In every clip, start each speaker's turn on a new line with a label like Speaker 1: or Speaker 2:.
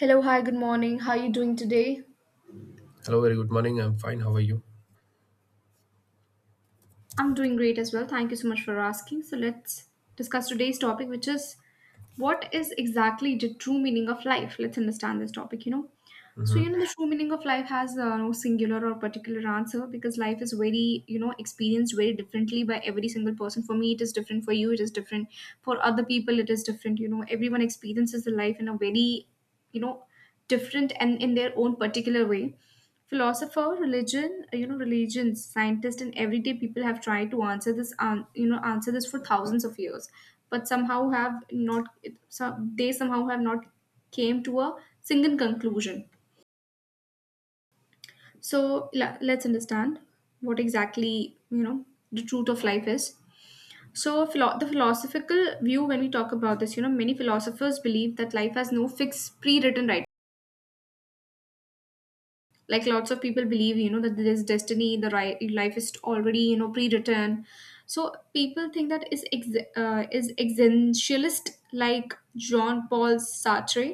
Speaker 1: Hello, hi, good morning. How are you doing today?
Speaker 2: Hello, very good morning. I'm fine. How are you?
Speaker 1: I'm doing great as well. Thank you so much for asking. So let's discuss today's topic, which is, what is exactly the true meaning of life? Let's understand this topic, you know. So, you know,
Speaker 2: Hmm.
Speaker 1: the true meaning of life has no singular or particular answer, because life is very, you know, experienced very differently by every single person. For me, it is different. For you, it is different. For other people, it is different. You know, everyone experiences the life in a very, you know, different and in their own particular way. Philosopher, religion, you know, religions, scientists, and everyday people have tried to answer this you know, answer this for thousands of years, but somehow have not, they somehow have not came to a single conclusion. So let's understand what exactly, you know, the truth of life is. So the philosophical view, when we talk about this, you know, many philosophers believe that life has no fixed pre-written right. Like, lots of people believe, you know, that there's destiny, the right life is already, you know, pre-written. So people think that is existentialist, like Jean Paul Sartre,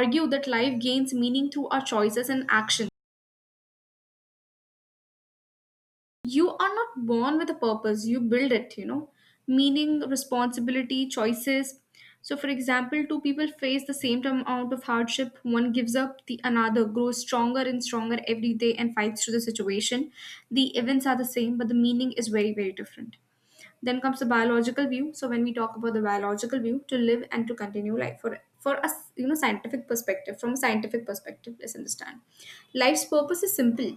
Speaker 1: argue that life gains meaning through our choices and actions. You are not born with a purpose, you build it, you know. Meaning, responsibility, choices. So for example, two people face the same amount of hardship, one gives up, the another grows stronger and stronger every day and fights through the situation. The events are the same, but the meaning is very, very different. Then comes the biological view. So when we talk about the biological view, to live and to continue life for us, you know, scientific perspective, from a scientific perspective, let's understand, life's purpose is simple.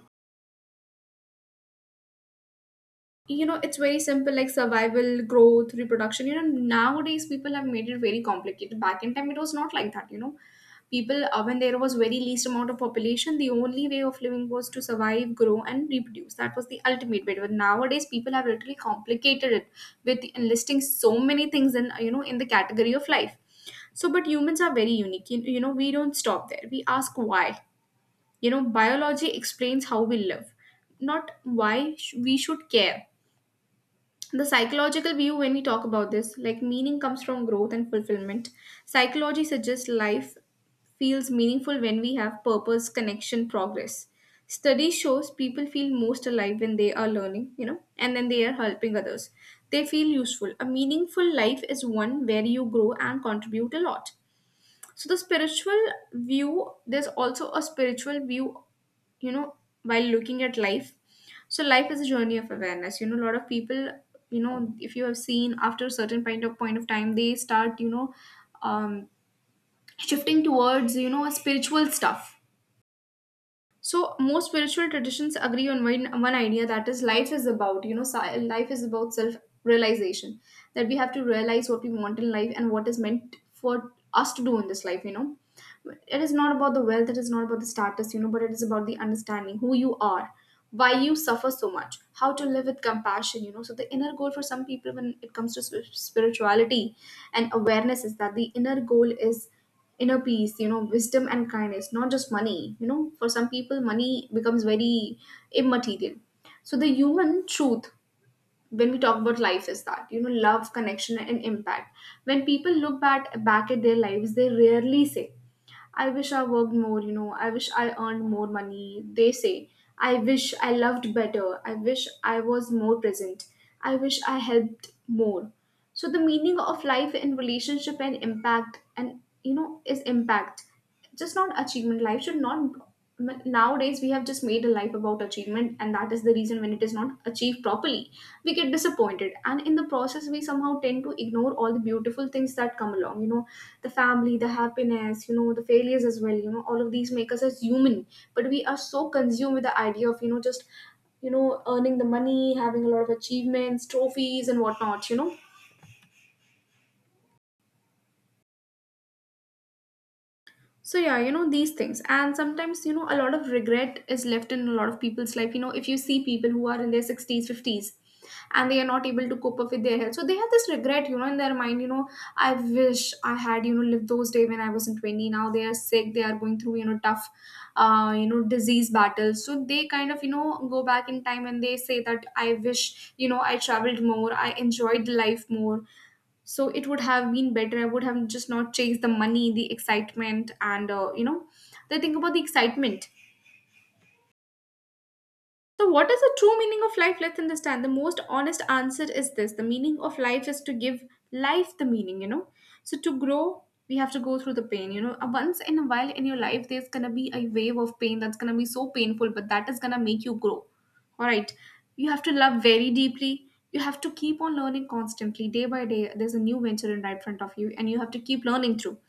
Speaker 1: You know, it's very simple, like survival, growth, reproduction. You know, nowadays people have made it very complicated. Back in time, it was not like that, you know. People when there was very least amount of population, the only way of living was to survive, grow, and reproduce. That was the ultimate way, but nowadays people have literally complicated it with enlisting so many things in, you know, in the category of life. So, but humans are very unique. You know, we don't stop there, we ask why. You know, biology explains how we live, not why we should care. The psychological view, when we talk about this, like, meaning comes from growth and fulfillment. Psychology suggests life feels meaningful when we have purpose, connection, progress. Study shows people feel most alive when they are learning, you know, and then they are helping others. They feel useful. A meaningful life is one where you grow and contribute a lot. So the spiritual view, there's also a spiritual view, you know, while looking at life. So life is a journey of awareness. You know, a lot of people, you know, if you have seen, after a certain point of time, they start, you know, um, shifting towards, you know, spiritual stuff. So most spiritual traditions agree on one idea, that is, life is about, you know, life is about self realization. That we have to realize what we want in life and what is meant for us to do in this life, you know. It is not about the wealth, it is not about the status, you know, but it is about the understanding who you are, why you suffer so much, how to live with compassion, you know. So the inner goal for some people when it comes to spirituality and awareness is that the inner goal is inner peace, you know, wisdom and kindness, not just money. You know, for some people money becomes very immaterial. So the human truth, when we talk about life, is that, you know, love, connection, and impact. When people look back at their lives, they rarely say, I wish I worked more, you know, I wish I earned more money. They say, I wish I loved better. I wish I was more present. I wish I helped more. So the meaning of life in relationship and impact, and, you know, is impact, just not achievement. Life should not, nowadays we have just made a life about achievement, and that is the reason, when it is not achieved properly, we get disappointed, and in the process we somehow tend to ignore all the beautiful things that come along, you know, the family, the happiness, you know, the failures as well, you know. All of these make us as human, but we are so consumed with the idea of, you know, just, you know, earning the money, having a lot of achievements, trophies, and whatnot, you know. So yeah, you know, these things, and sometimes, you know, a lot of regret is left in a lot of people's life. You know, if you see people who are in their sixties, fifties, and they are not able to cope up with their health, so they have this regret, you know, in their mind. You know, I wish I had, you know, lived those days when I was in 20. Now they are sick, they are going through, you know, tough, you know, disease battles. So they kind of, you know, go back in time, and they say that, I wish, you know, I traveled more, I enjoyed life more. So it would have been better, I would have just not chased the money, the excitement, and, you know, they think about the excitement. So, what is the true meaning of life? Let's understand. The most honest answer is this, the meaning of life is to give life the meaning, you know. So, to grow, we have to go through the pain, you know. Once in a while in your life, there's gonna be a wave of pain that's gonna be so painful, but that is gonna make you grow. All right. You have to love very deeply. You have to keep on learning constantly, day by day. There's a new venture in right front of you, and you have to keep learning through.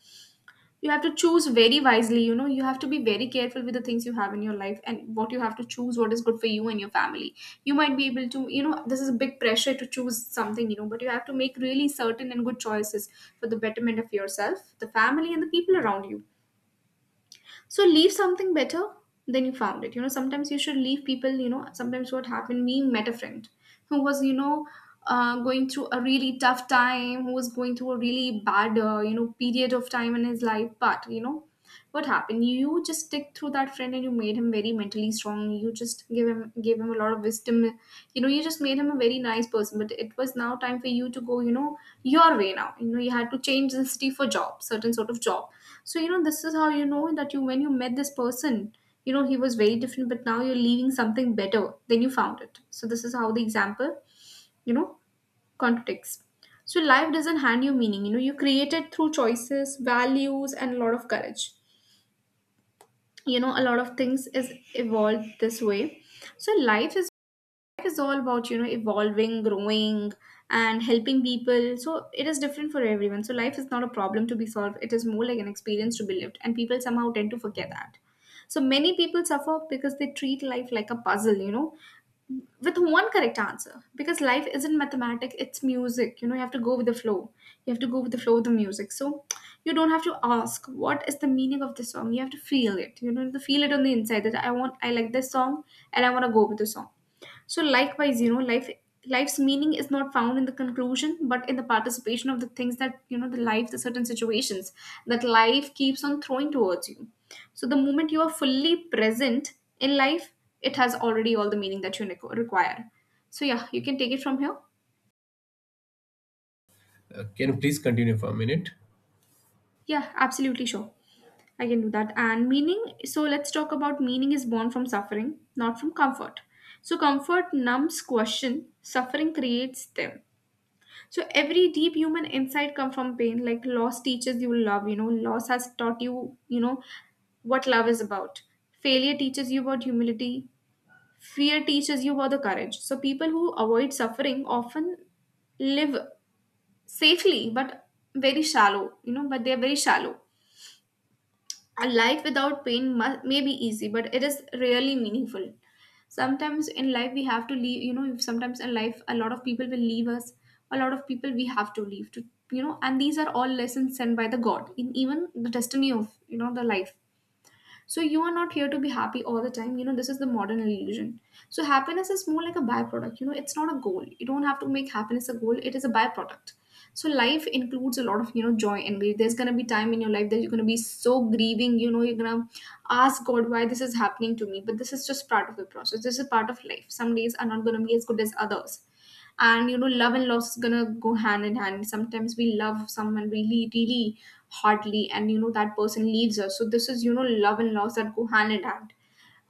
Speaker 1: You have to choose very wisely, you know, you have to be very careful with the things you have in your life, and what you have to choose, what is good for you and your family. You might be able to, you know, this is a big pressure to choose something, you know, but you have to make really certain and good choices for the betterment of yourself, the family, and the people around you. So leave something better than you found it, you know. Sometimes you should leave people, you know. Sometimes, what happened, we met a friend who was, you know, going through a really tough time, who was going through a really bad, you know, period of time in his life, but, you know, what happened, you just stick through that friend, and you made him very mentally strong, you just give him gave him a lot of wisdom, you know, you just made him a very nice person, but it was now time for you to go, you know, your way now, you know, you had to change the city for job, certain sort of job. So, you know, this is how you know that you, when you met this person, you know, he was very different, but now you're leaving something better than you found it. So, this is how the example, you know, contradicts. So, life doesn't hand you meaning, you know, you create it through choices, values, and a lot of courage. You know, a lot of things is evolved this way. So, life is all about, you know, evolving, growing, and helping people. So it is different for everyone. So life is not a problem to be solved, it is more like an experience to be lived, and people somehow tend to forget that. So many people suffer because they treat life like a puzzle, you know, with one correct answer. Because life isn't mathematics, it's music, you know. You have to go with the flow, you have to go with the flow of the music. So you don't have to ask what is the meaning of this song, you have to feel it, you know, you have to feel it on the inside, that I want, I like this song, and I want to go with the song. So likewise, you know, life, life's meaning is not found in the conclusion, but in the participation of the things that, you know, the life, the certain situations that life keeps on throwing towards you. So the moment you are fully present in life, it has already all the meaning that you require. So yeah, you can take it from here.
Speaker 2: Can you please continue for a minute?
Speaker 1: Yeah, absolutely sure. I can do that. So let's talk about meaning is born from suffering, not from comfort. So comfort numbs question, suffering creates them. So every deep human insight come from pain. Like loss teaches you love. Loss has taught you. You know what love is about. Failure teaches you about humility. Fear teaches you about the courage. So people who avoid suffering often live safely, but very shallow. But they are very shallow. A life without pain may be easy, but it is really meaningful. Sometimes in life, we have to leave, sometimes in life, a lot of people will leave us, a lot of people we have to leave to, and these are all lessons sent by the God in even the destiny of, the life. So you are not here to be happy all the time. You know, this is the modern illusion. So happiness is more like a byproduct. You know, it's not a goal. You don't have to make happiness a goal. It is a byproduct. So life includes a lot of joy and grief. There's gonna be time in your life that you're gonna be so grieving. You know, you're gonna ask God why this is happening to me. But this is just part of the process. This is part of life. Some days are not gonna be as good as others, and you know love and loss is gonna go hand in hand. Sometimes we love someone really hardly, and you know that person leaves us, so this is you know love and loss that go hand in hand.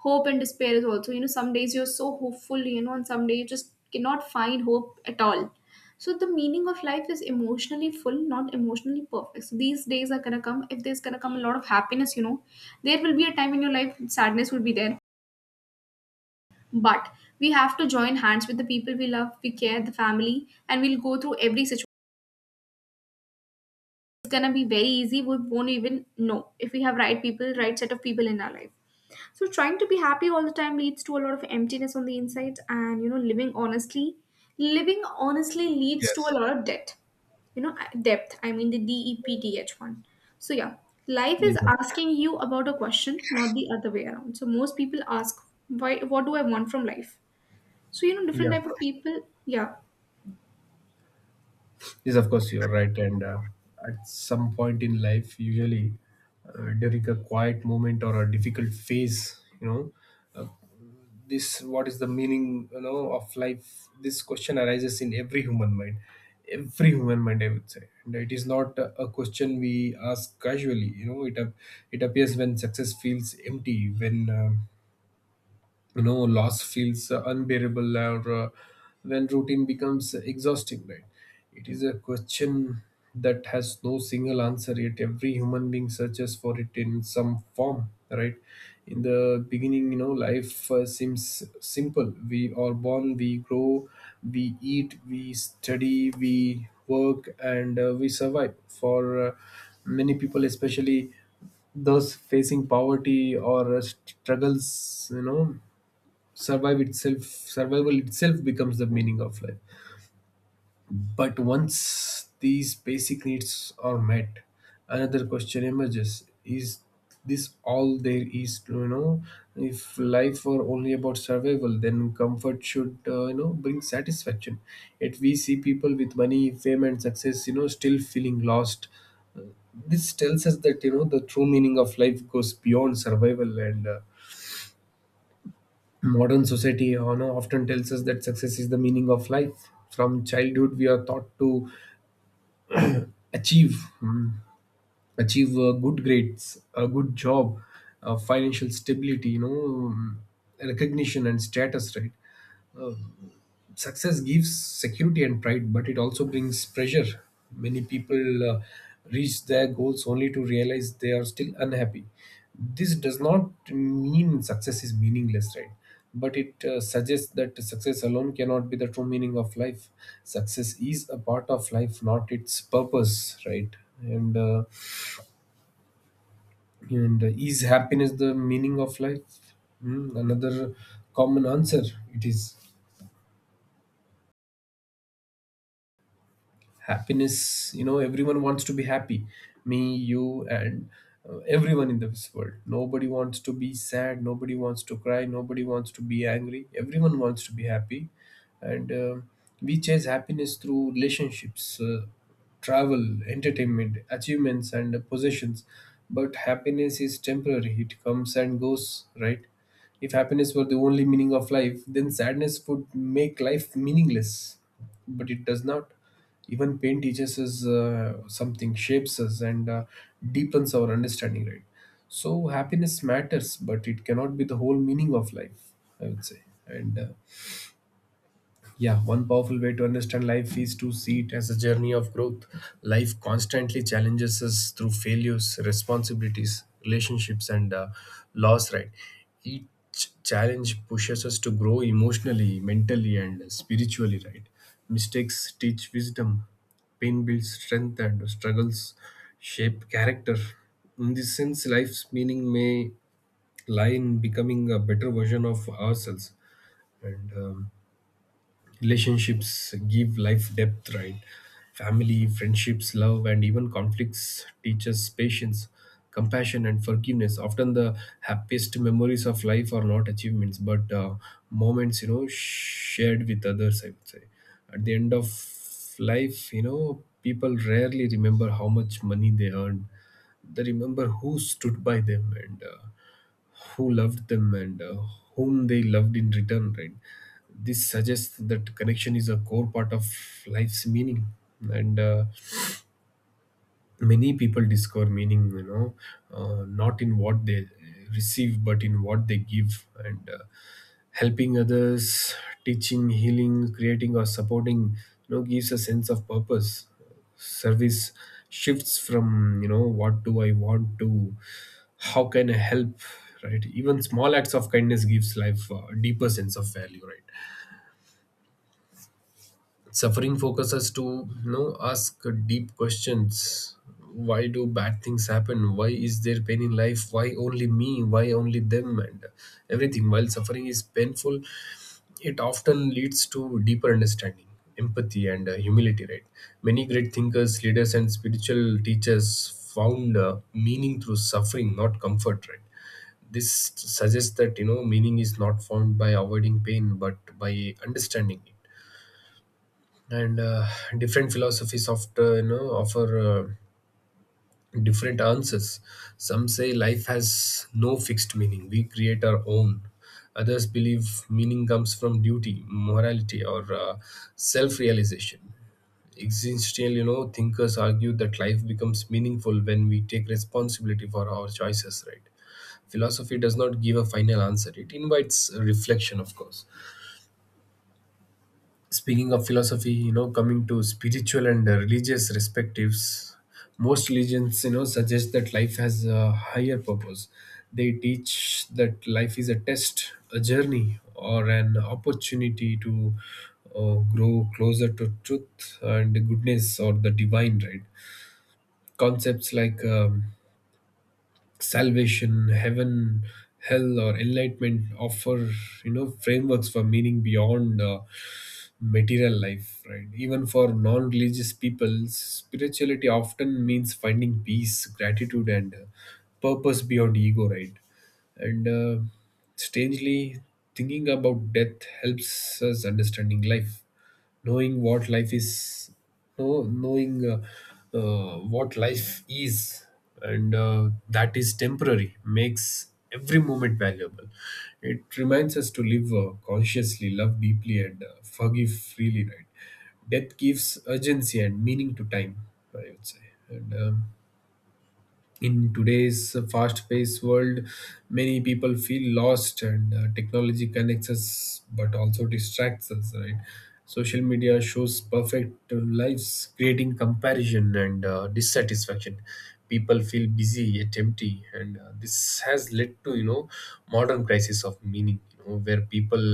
Speaker 1: Hope and despair is also, you know, some days you're so hopeful, you know, and some days you just cannot find hope at all. So the meaning of life is emotionally full, not emotionally perfect. So these days are gonna come. If there's gonna come a lot of happiness, you know, there will be a time in your life sadness will be there, but we have to join hands with the people we love, we care, the family, and we'll go through every situation. It's gonna be very easy. We won't even know if we have right people, right set of people in our life. So trying to be happy all the time leads to a lot of emptiness on the inside, and you know, living honestly leads to a
Speaker 2: Yes.
Speaker 1: lot of debt. Depth. I mean the DEPTH one. So yeah, life is
Speaker 2: Yes, of course.
Speaker 1: asking you about a question, not the other way around. So most people ask, why? What do I want from life? So, you know,
Speaker 2: Yeah,
Speaker 1: different
Speaker 2: of
Speaker 1: type of
Speaker 2: course.
Speaker 1: people. Yeah.
Speaker 2: Yes, of course. You're right. And at some point in life, usually during a quiet moment or a difficult phase, uh, this, what is the meaning of life? This question arises in every human mind. Every human mind, I would say, and it is not a question we ask casually. You know, it appears when success feels empty, when loss feels unbearable, or when routine becomes exhausting, right? It is a question that has no single answer, yet every human being searches for it in some form, right? In the beginning, you know, life seems simple. We are born, we grow, we eat, we study, we work, and we survive. For uh, many people, especially those facing poverty or struggles, you know, survive itself survival itself becomes the meaning of life. But once these basic needs are met, another question emerges: is this all there is to, you know? If life were only about survival, then comfort should bring satisfaction. Yet we see people with money, fame, and success, you know, still feeling lost. This tells us that, you know, the true meaning of life goes beyond survival. And modern society, you know, often tells us that success is the meaning of life. From childhood, we are taught to achieve, mm, achieve good grades, a good job, financial stability, you know, recognition, and status, right? Success gives security and pride, but it also brings pressure. Many people reach their goals only to realize they are still unhappy. This does not mean success is meaningless, right? But it suggests that success alone cannot be the true meaning of life. Success is a part of life, not its purpose, right? And uh, and is happiness the meaning of life? Hmm, another common answer it is: happiness. You know, everyone wants to be happy, me, you, and everyone in this world. Nobody wants to be sad, nobody wants to cry, nobody wants to be angry. Everyone wants to be happy. And we chase happiness through relationships, travel, entertainment, achievements, and possessions. But happiness is temporary, it comes and goes, right? If happiness were the only meaning of life, then sadness would make life meaningless. But it does not. Even pain teaches us something, shapes us, and deepens our understanding, right? So happiness matters, but it cannot be the whole meaning of life, I would say. And yeah, one powerful way to understand life is to see it as a journey of growth. Life constantly challenges us through failures, responsibilities, relationships, and loss, right? Each challenge pushes us to grow emotionally, mentally, and spiritually, right? Mistakes teach wisdom, pain builds strength, and struggles shape character. In this sense, life's meaning may lie in becoming a better version of ourselves. And relationships give life depth, right? Family, friendships, love, and even conflicts teach us patience, compassion, and forgiveness. Often the happiest memories of life are not achievements, but moments, you know, shared with others, I would say. At the end of life, you know, people rarely remember how much money they earned. They remember who stood by them, and who loved them, and whom they loved in return, right? This suggests that connection is a core part of life's meaning. And many people discover meaning, you know, not in what they receive, but in what they give. And helping others, teaching, healing, creating, or supporting, you know, gives a sense of purpose. Service shifts from, you know, what do I want, to how can I help, right? Even small acts of kindness gives life a deeper sense of value, right? Suffering focuses to, you know, ask deep questions. Why do bad things happen? Why is there pain in life? Why only me? Why only them? And everything. While suffering is painful, it often leads to deeper understanding, empathy, and humility, right? Many great thinkers, leaders, and spiritual teachers found meaning through suffering, not comfort, right? This suggests that, you know, meaning is not found by avoiding pain, but by understanding it. And different philosophies often, you know, offer different answers. Some say life has no fixed meaning, we create our own. Others believe meaning comes from duty, morality, or self realization. Existential, you know, thinkers argue that life becomes meaningful when we take responsibility for our choices, right? Philosophy does not give a final answer, it invites reflection, of course. Speaking of philosophy, you know, coming to spiritual and religious perspectives, most religions, you know, suggest that life has a higher purpose. They teach that life is a test, a journey, or an opportunity to grow closer to truth and goodness, or the divine, right? Concepts like salvation, heaven, hell, or enlightenment offer, you know, frameworks for meaning beyond material life, right? Even for non-religious people, spirituality often means finding peace, gratitude, and purpose beyond ego, right? And strangely, thinking about death helps us understanding life. Knowing what life is no knowing what life is, and that is temporary, makes every moment valuable. It reminds us to live consciously, love deeply, and forgive freely, right? Death gives urgency and meaning to time, I would say. And in today's fast paced world, many people feel lost. And technology connects us but also distracts us, right? Social media shows perfect lives, creating comparison and dissatisfaction. People feel busy yet empty, and this has led to, you know, modern crisis of meaning, you know, where people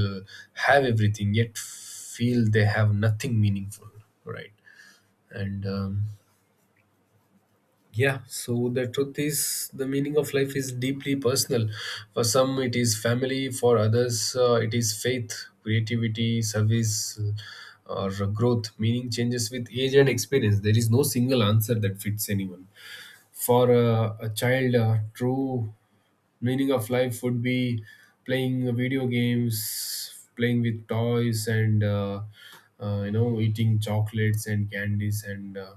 Speaker 2: have everything yet feel they have nothing meaningful, right? And yeah, so the truth is, the meaning of life is deeply personal. For some, it is family, for others, it is faith, creativity, service, or growth. Meaning changes with age and experience. There is no single answer that fits anyone. For a child, true meaning of life would be playing video games, playing with toys, and you know, eating chocolates and candies, and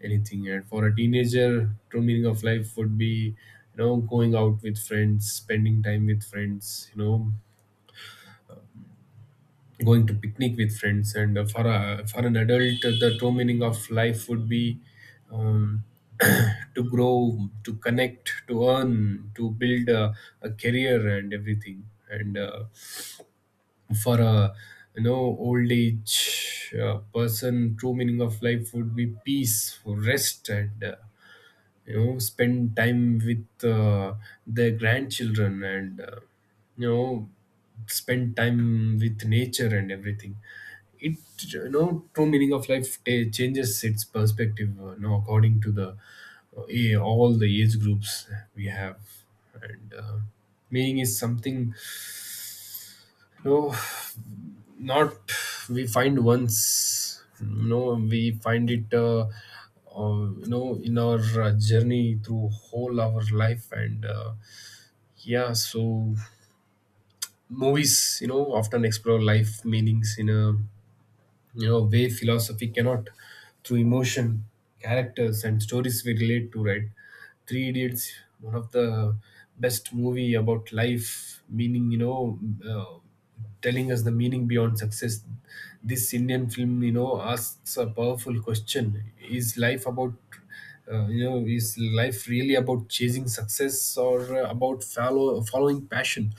Speaker 2: anything. And for a teenager, true meaning of life would be, you know, going out with friends, spending time with friends, you know, going to picnic with friends. And for an adult, the true meaning of life would be, um, to grow, to connect, to earn, to build a career, and everything. And for a, you know, old age person, true meaning of life would be peace, rest, and you know, spend time with their grandchildren, and you know, spend time with nature and everything. It You know, true meaning of life ta changes its perspective now according to the all the age groups we have. And meaning is something, no, not we find once. No, we find it. You know, in our journey through whole our life. And yeah, so movies, you know, often explore life meanings in a, you know, way philosophy cannot, through emotion, characters, and stories we relate to, right? Three Idiots, one of the best movie about life meaning, you know, uh, telling us the meaning beyond success. This Indian film, you know, asks a powerful question: is life about, you know, is life really about chasing success or about following passion,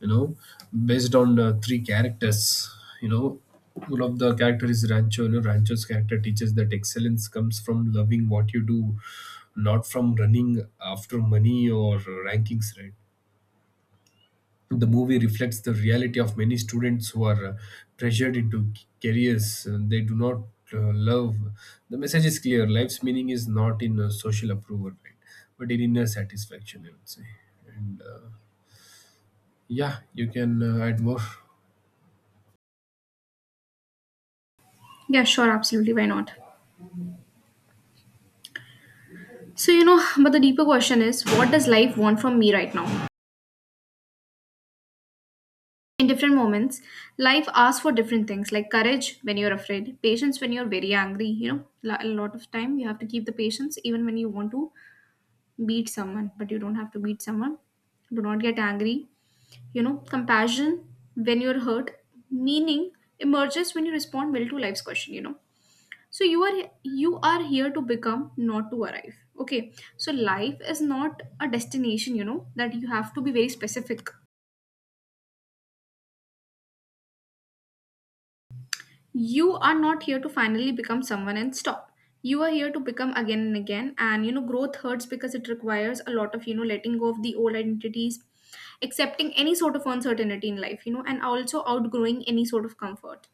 Speaker 2: you know, based on three characters. You know, one of the character is Rancho. You know, Rancho's character teaches that excellence comes from loving what you do, not from running after money or rankings, right? The movie reflects the reality of many students who are pressured into careers they do not love. The message is clear: life's meaning is not in social approval, right? But in inner satisfaction, I would say. And yeah, you can add more.
Speaker 1: Yeah, sure, absolutely. Why not? So, you know, but the deeper question is, what does life want from me right now? In different moments, life asks for different things, like courage when you're afraid, patience when you're very angry. You know, a lot of time you have to keep the patience even when you want to beat someone, but you don't have to beat someone. Do not get angry. You know, compassion when you're hurt, meaning emerges when you respond well to life's question, you know. So you are here to become, not to arrive, okay? So life is not a destination, you know, that you have to be very specific. You are not here to finally become someone and stop. You are here to become again and again, and you know growth hurts because it requires a lot of, you know, letting go of the old identities, accepting any sort of uncertainty in life, you know, and also outgrowing any sort of comfort.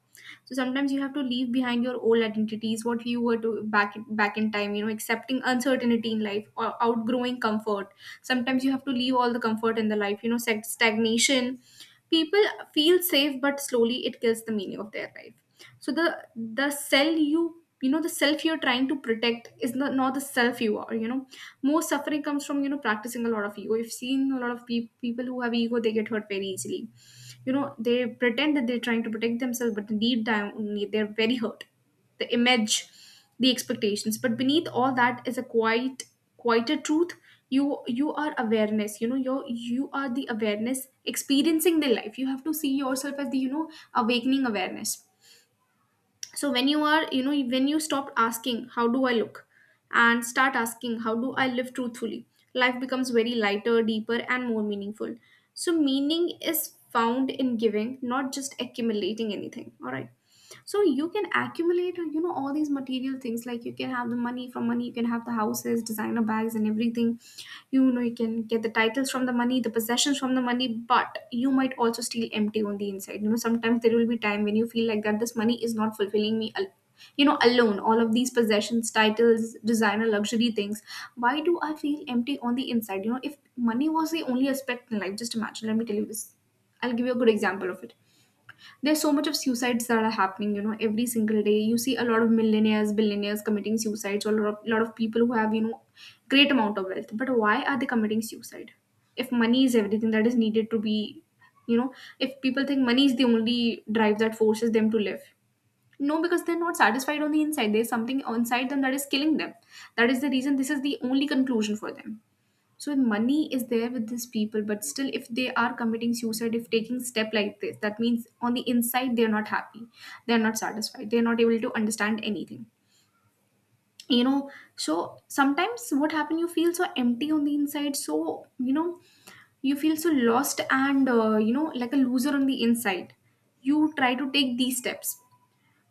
Speaker 1: So sometimes you have to leave behind your old identities, what you were to back in time, you know, accepting uncertainty in life or outgrowing comfort. Sometimes you have to leave all the comfort in the life, you know. Stagnation, people feel safe, but slowly it kills the meaning of their life. So the cell you you know, the self you're trying to protect is not the self you are, you know. Most suffering comes from, you know, practicing a lot of ego. You've seen a lot of people who have ego, they get hurt very easily. You know, they pretend that they're trying to protect themselves, but deep down they're very hurt. The image, the expectations, but beneath all that is a quieter truth. You are awareness, you know. You are the awareness experiencing the life. You have to see yourself as the, you know, awakening awareness. So when you are, you know, when you stop asking, how do I look, and start asking, how do I live truthfully, life becomes very lighter, deeper, and more meaningful. So meaning is found in giving, not just accumulating anything, all right? So you can accumulate, you know, all these material things. Like you can have the money. From money you can have the houses, designer bags, and everything. You know, you can get the titles from the money, the possessions from the money, but you might also still empty on the inside. You know, sometimes there will be time when you feel like that this money is not fulfilling me. You know, alone all of these possessions, titles, designer luxury things, why do I feel empty on the inside? You know, if money was the only aspect in life, just imagine. Let me tell you this, I'll give you a good example of it. There's so much of suicides that are happening, you know, every single day. You see a lot of millionaires, billionaires committing suicides, or a lot of people who have, you know, great amount of wealth, but why are they committing suicide? If money is everything that is needed to be, you know, if people think money is the only drive that forces them to live, no, because they're not satisfied on the inside. There's something inside them that is killing them. That is the reason. This is the only conclusion for them. So money is there with these people, but still, if they are committing suicide, if taking step like this, that means on the inside they're not happy, they're not satisfied, they're not able to understand anything. You know, so sometimes what happen, you feel so empty on the inside. So, you know, you feel so lost and you know, like a loser on the inside, you try to take these steps.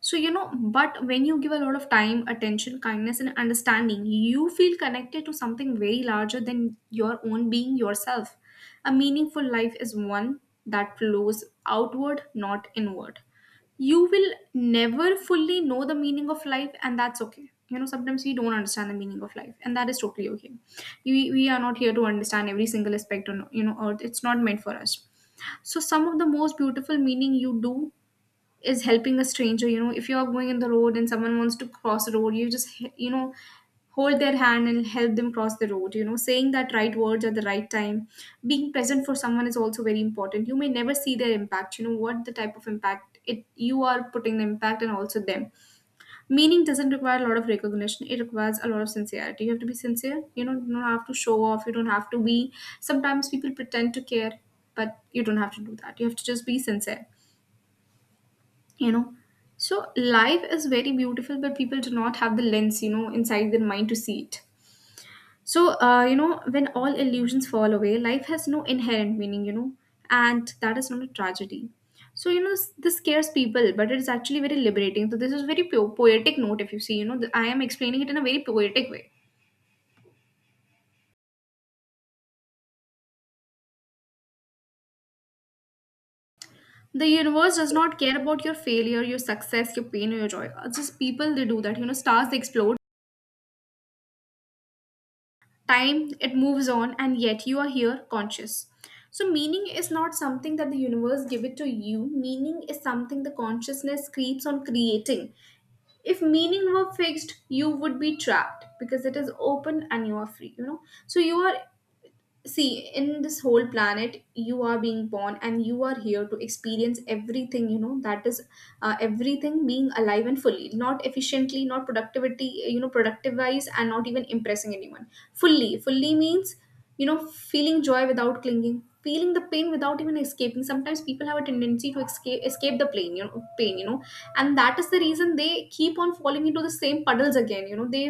Speaker 1: So, you know, but when you give a lot of time, attention, kindness, and understanding, you feel connected to something very larger than your own being yourself. A meaningful life is one that flows outward, not inward. You will never fully know the meaning of life, and that's okay. You know, sometimes we don't understand the meaning of life, and that is totally okay. We are not here to understand every single aspect on you know earth. It's not meant for us. So some of the most beautiful meaning you do is helping a stranger. You know, if you're going in the road and someone wants to cross the road, you just you know, hold their hand and help them cross the road. You know, saying that right words at the right time, being present for someone is also very important. You may never see their impact, you know, what the type of impact it you are putting the impact and also them. Meaning doesn't require a lot of recognition, it requires a lot of sincerity. You have to be sincere, you know. You don't have to show off, you don't have to be. Sometimes people pretend to care, but you don't have to do that. You have to just be sincere, you know. So life is very beautiful, but people do not have the lens, you know, inside their mind to see it. So you know, when all illusions fall away, life has no inherent meaning, you know, and that is not a tragedy. So you know, this scares people, but it's actually very liberating. So this is very poetic note, if you see, you know, I am explaining it in a very poetic way. The universe does not care about your failure, your success, your pain, or your joy. Just people they do that, you know. Stars they explode, time it moves on, and yet you are here, conscious. So meaning is not something that the universe give it to you, meaning is something the consciousness creates on creating. If meaning were fixed, you would be trapped, because it is open and you are free, you know. So you are, see, in this whole planet you are being born and you are here to experience everything, you know, that is Everything being alive and fully, not efficiently, not productivity, productive wise, and not even impressing anyone fully. Fully means, feeling joy without clinging, feeling the pain without even escaping. Sometimes people have a tendency to escape the pain you know And that is the reason they keep on falling into the same puddles again, you know they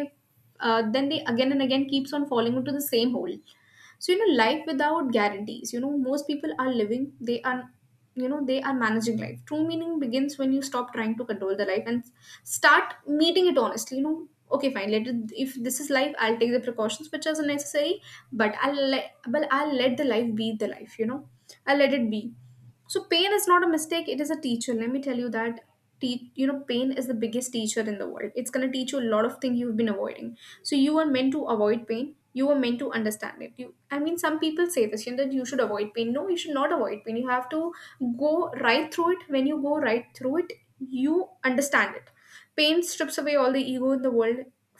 Speaker 1: then they again and again keeps on falling into the same hole. So, life without guarantees, most people are living, they are managing life. True meaning begins when you stop trying to control the life and start meeting it honestly, okay, fine, let it. If this is life, I'll take the precautions which are necessary, but I'll let the life be the life. I'll let it be. So pain is not a mistake, it is a teacher, let me tell you that. Pain is the biggest teacher in the world. It's going to teach you a lot of things you've been avoiding. So you are meant to avoid pain, you are meant to understand it. You, I mean, some people say this, that you should avoid pain. No, you should not avoid pain. You have to go right through it. When you go right through it, you understand it. Pain strips away all the ego in the world,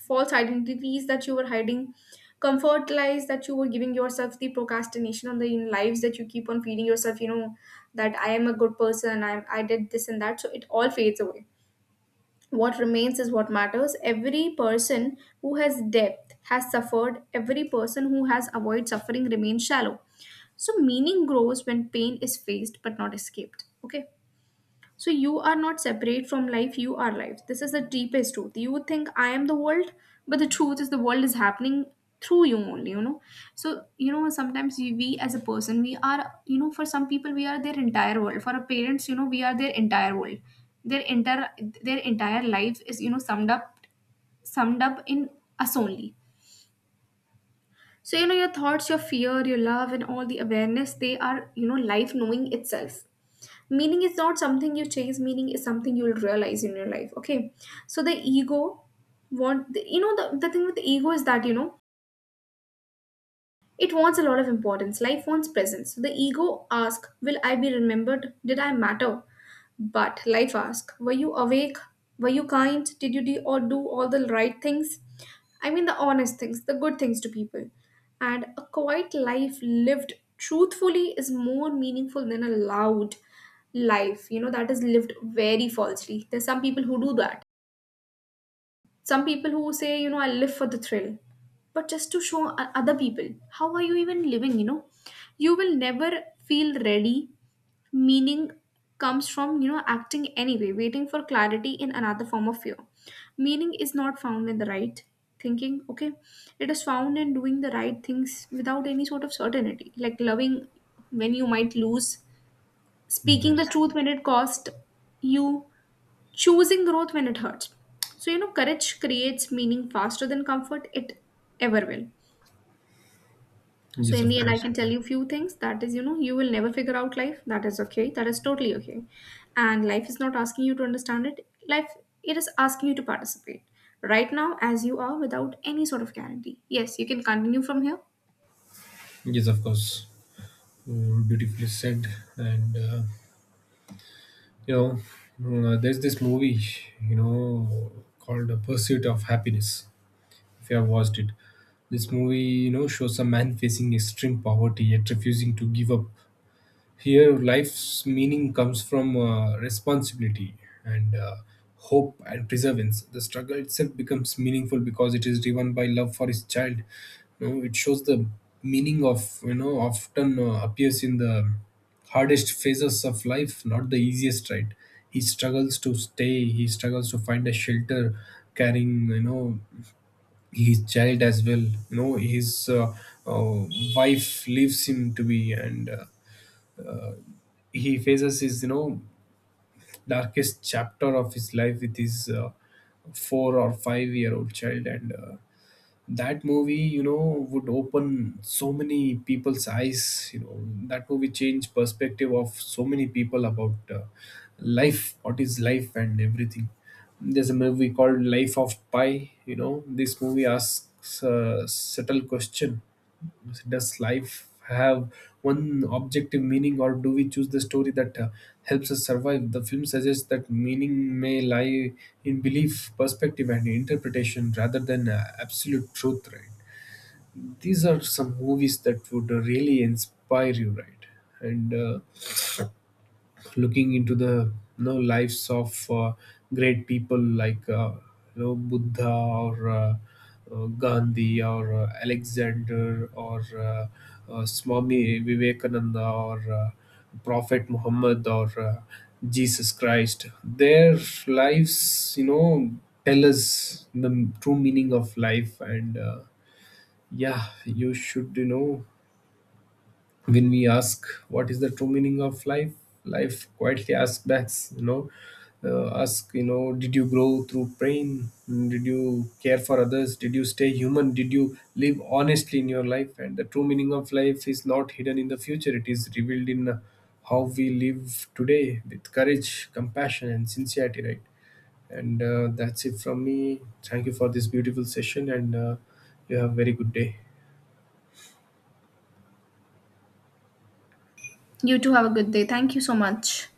Speaker 1: false identities that you were hiding, comfort lies that you were giving yourself, the procrastination on the in lives that you keep on feeding yourself, that I am a good person, I did this and that. So it all fades away. What remains is what matters. Every person who has depth has suffered, every person who has avoided suffering remains shallow. So meaning grows when pain is faced but not escaped, okay? So you are not separate from life, you are life. This is the deepest truth. You would think I am the world, but the truth is the world is happening through you only, So, sometimes we as a person, we are, for some people, we are their entire world. For our parents, we are their entire world. Their entire their entire life is, summed up in us only. So, your thoughts, your fear, your love, and all the awareness, they are, life knowing itself. Meaning is not something you chase, meaning is something you'll realize in your life. Okay. So the ego want the, you know the thing with the ego is that, it wants a lot of importance. Life wants presence. So the ego asks, will I be remembered? Did I matter? But life asks, were you awake? Were you kind? Did you do or do all the right things? I mean, the honest things, the good things to people. And a quiet life lived truthfully is more meaningful than a loud life, that is lived very falsely. There's some people who do that, some people who say, I live for the thrill, but just to other people, how are you even living, you know? You will never feel ready. Meaning comes from, acting anyway, waiting for clarity in another form of fear. Meaning is not found in the right thinking, okay? It is found in doing the right things without any sort of certainty, like loving when you might lose, speaking the
Speaker 2: Yes.
Speaker 1: truth when it cost you, choosing growth when it hurts. So, courage creates meaning faster than comfort it ever will. So,
Speaker 2: Yes,
Speaker 1: in
Speaker 2: of
Speaker 1: the end, I
Speaker 2: course.
Speaker 1: can tell you few things, that is, you will never figure out life. That is okay. That is totally okay. And life is not asking you to understand it, life, it is asking you to participate right now as you are without any sort of guarantee. Yes, you can continue from here.
Speaker 2: Yes, of course. Mm, beautifully said. And you know, there's this movie, you know, called The Pursuit of Happiness, if you have watched it. This movie, you know, shows a man facing extreme poverty yet refusing to give up. Here, life's meaning comes from responsibility, and hope, and perseverance. The struggle itself becomes meaningful because it is driven by love for his child. You know, it shows the meaning of, you know, often appears in the hardest phases of life, not the easiest, right? He struggles to stay. He struggles to find a shelter, carrying, you know, his child as well. You know, his uh, wife leaves him to be. And he faces his, you know, darkest chapter of his life with his 4 or 5 year old child. And that movie, you know, would open so many people's eyes. You know, that movie changed perspective of so many people about life, what is life, and everything. There's a movie called Life of Pi. You know, this movie asks a subtle question: does life have one objective meaning, or do we choose the story that helps us survive? The film suggests that meaning may lie in belief, perspective, and interpretation rather than absolute truth, right? These are some movies that would really inspire you, right? And looking into the, you know, lives of great people like, you know, Buddha, or Gandhi, or Alexander, or Swami Vivekananda, or Prophet Muhammad, or Jesus Christ. Their lives, you know, tell us the true meaning of life. And yeah, you should, you know, when we ask what is the true meaning of life, life quietly asks back, you know, ask, you know, did you grow through pain, did you care for others, did you stay human, did you live honestly in your life? And the true meaning of life is not hidden in the future, it is revealed in how we live today with courage, compassion, and sincerity, right? And that's it from me. Thank you for this beautiful session. And you have a very good day.
Speaker 1: You too have a good day. Thank you so much.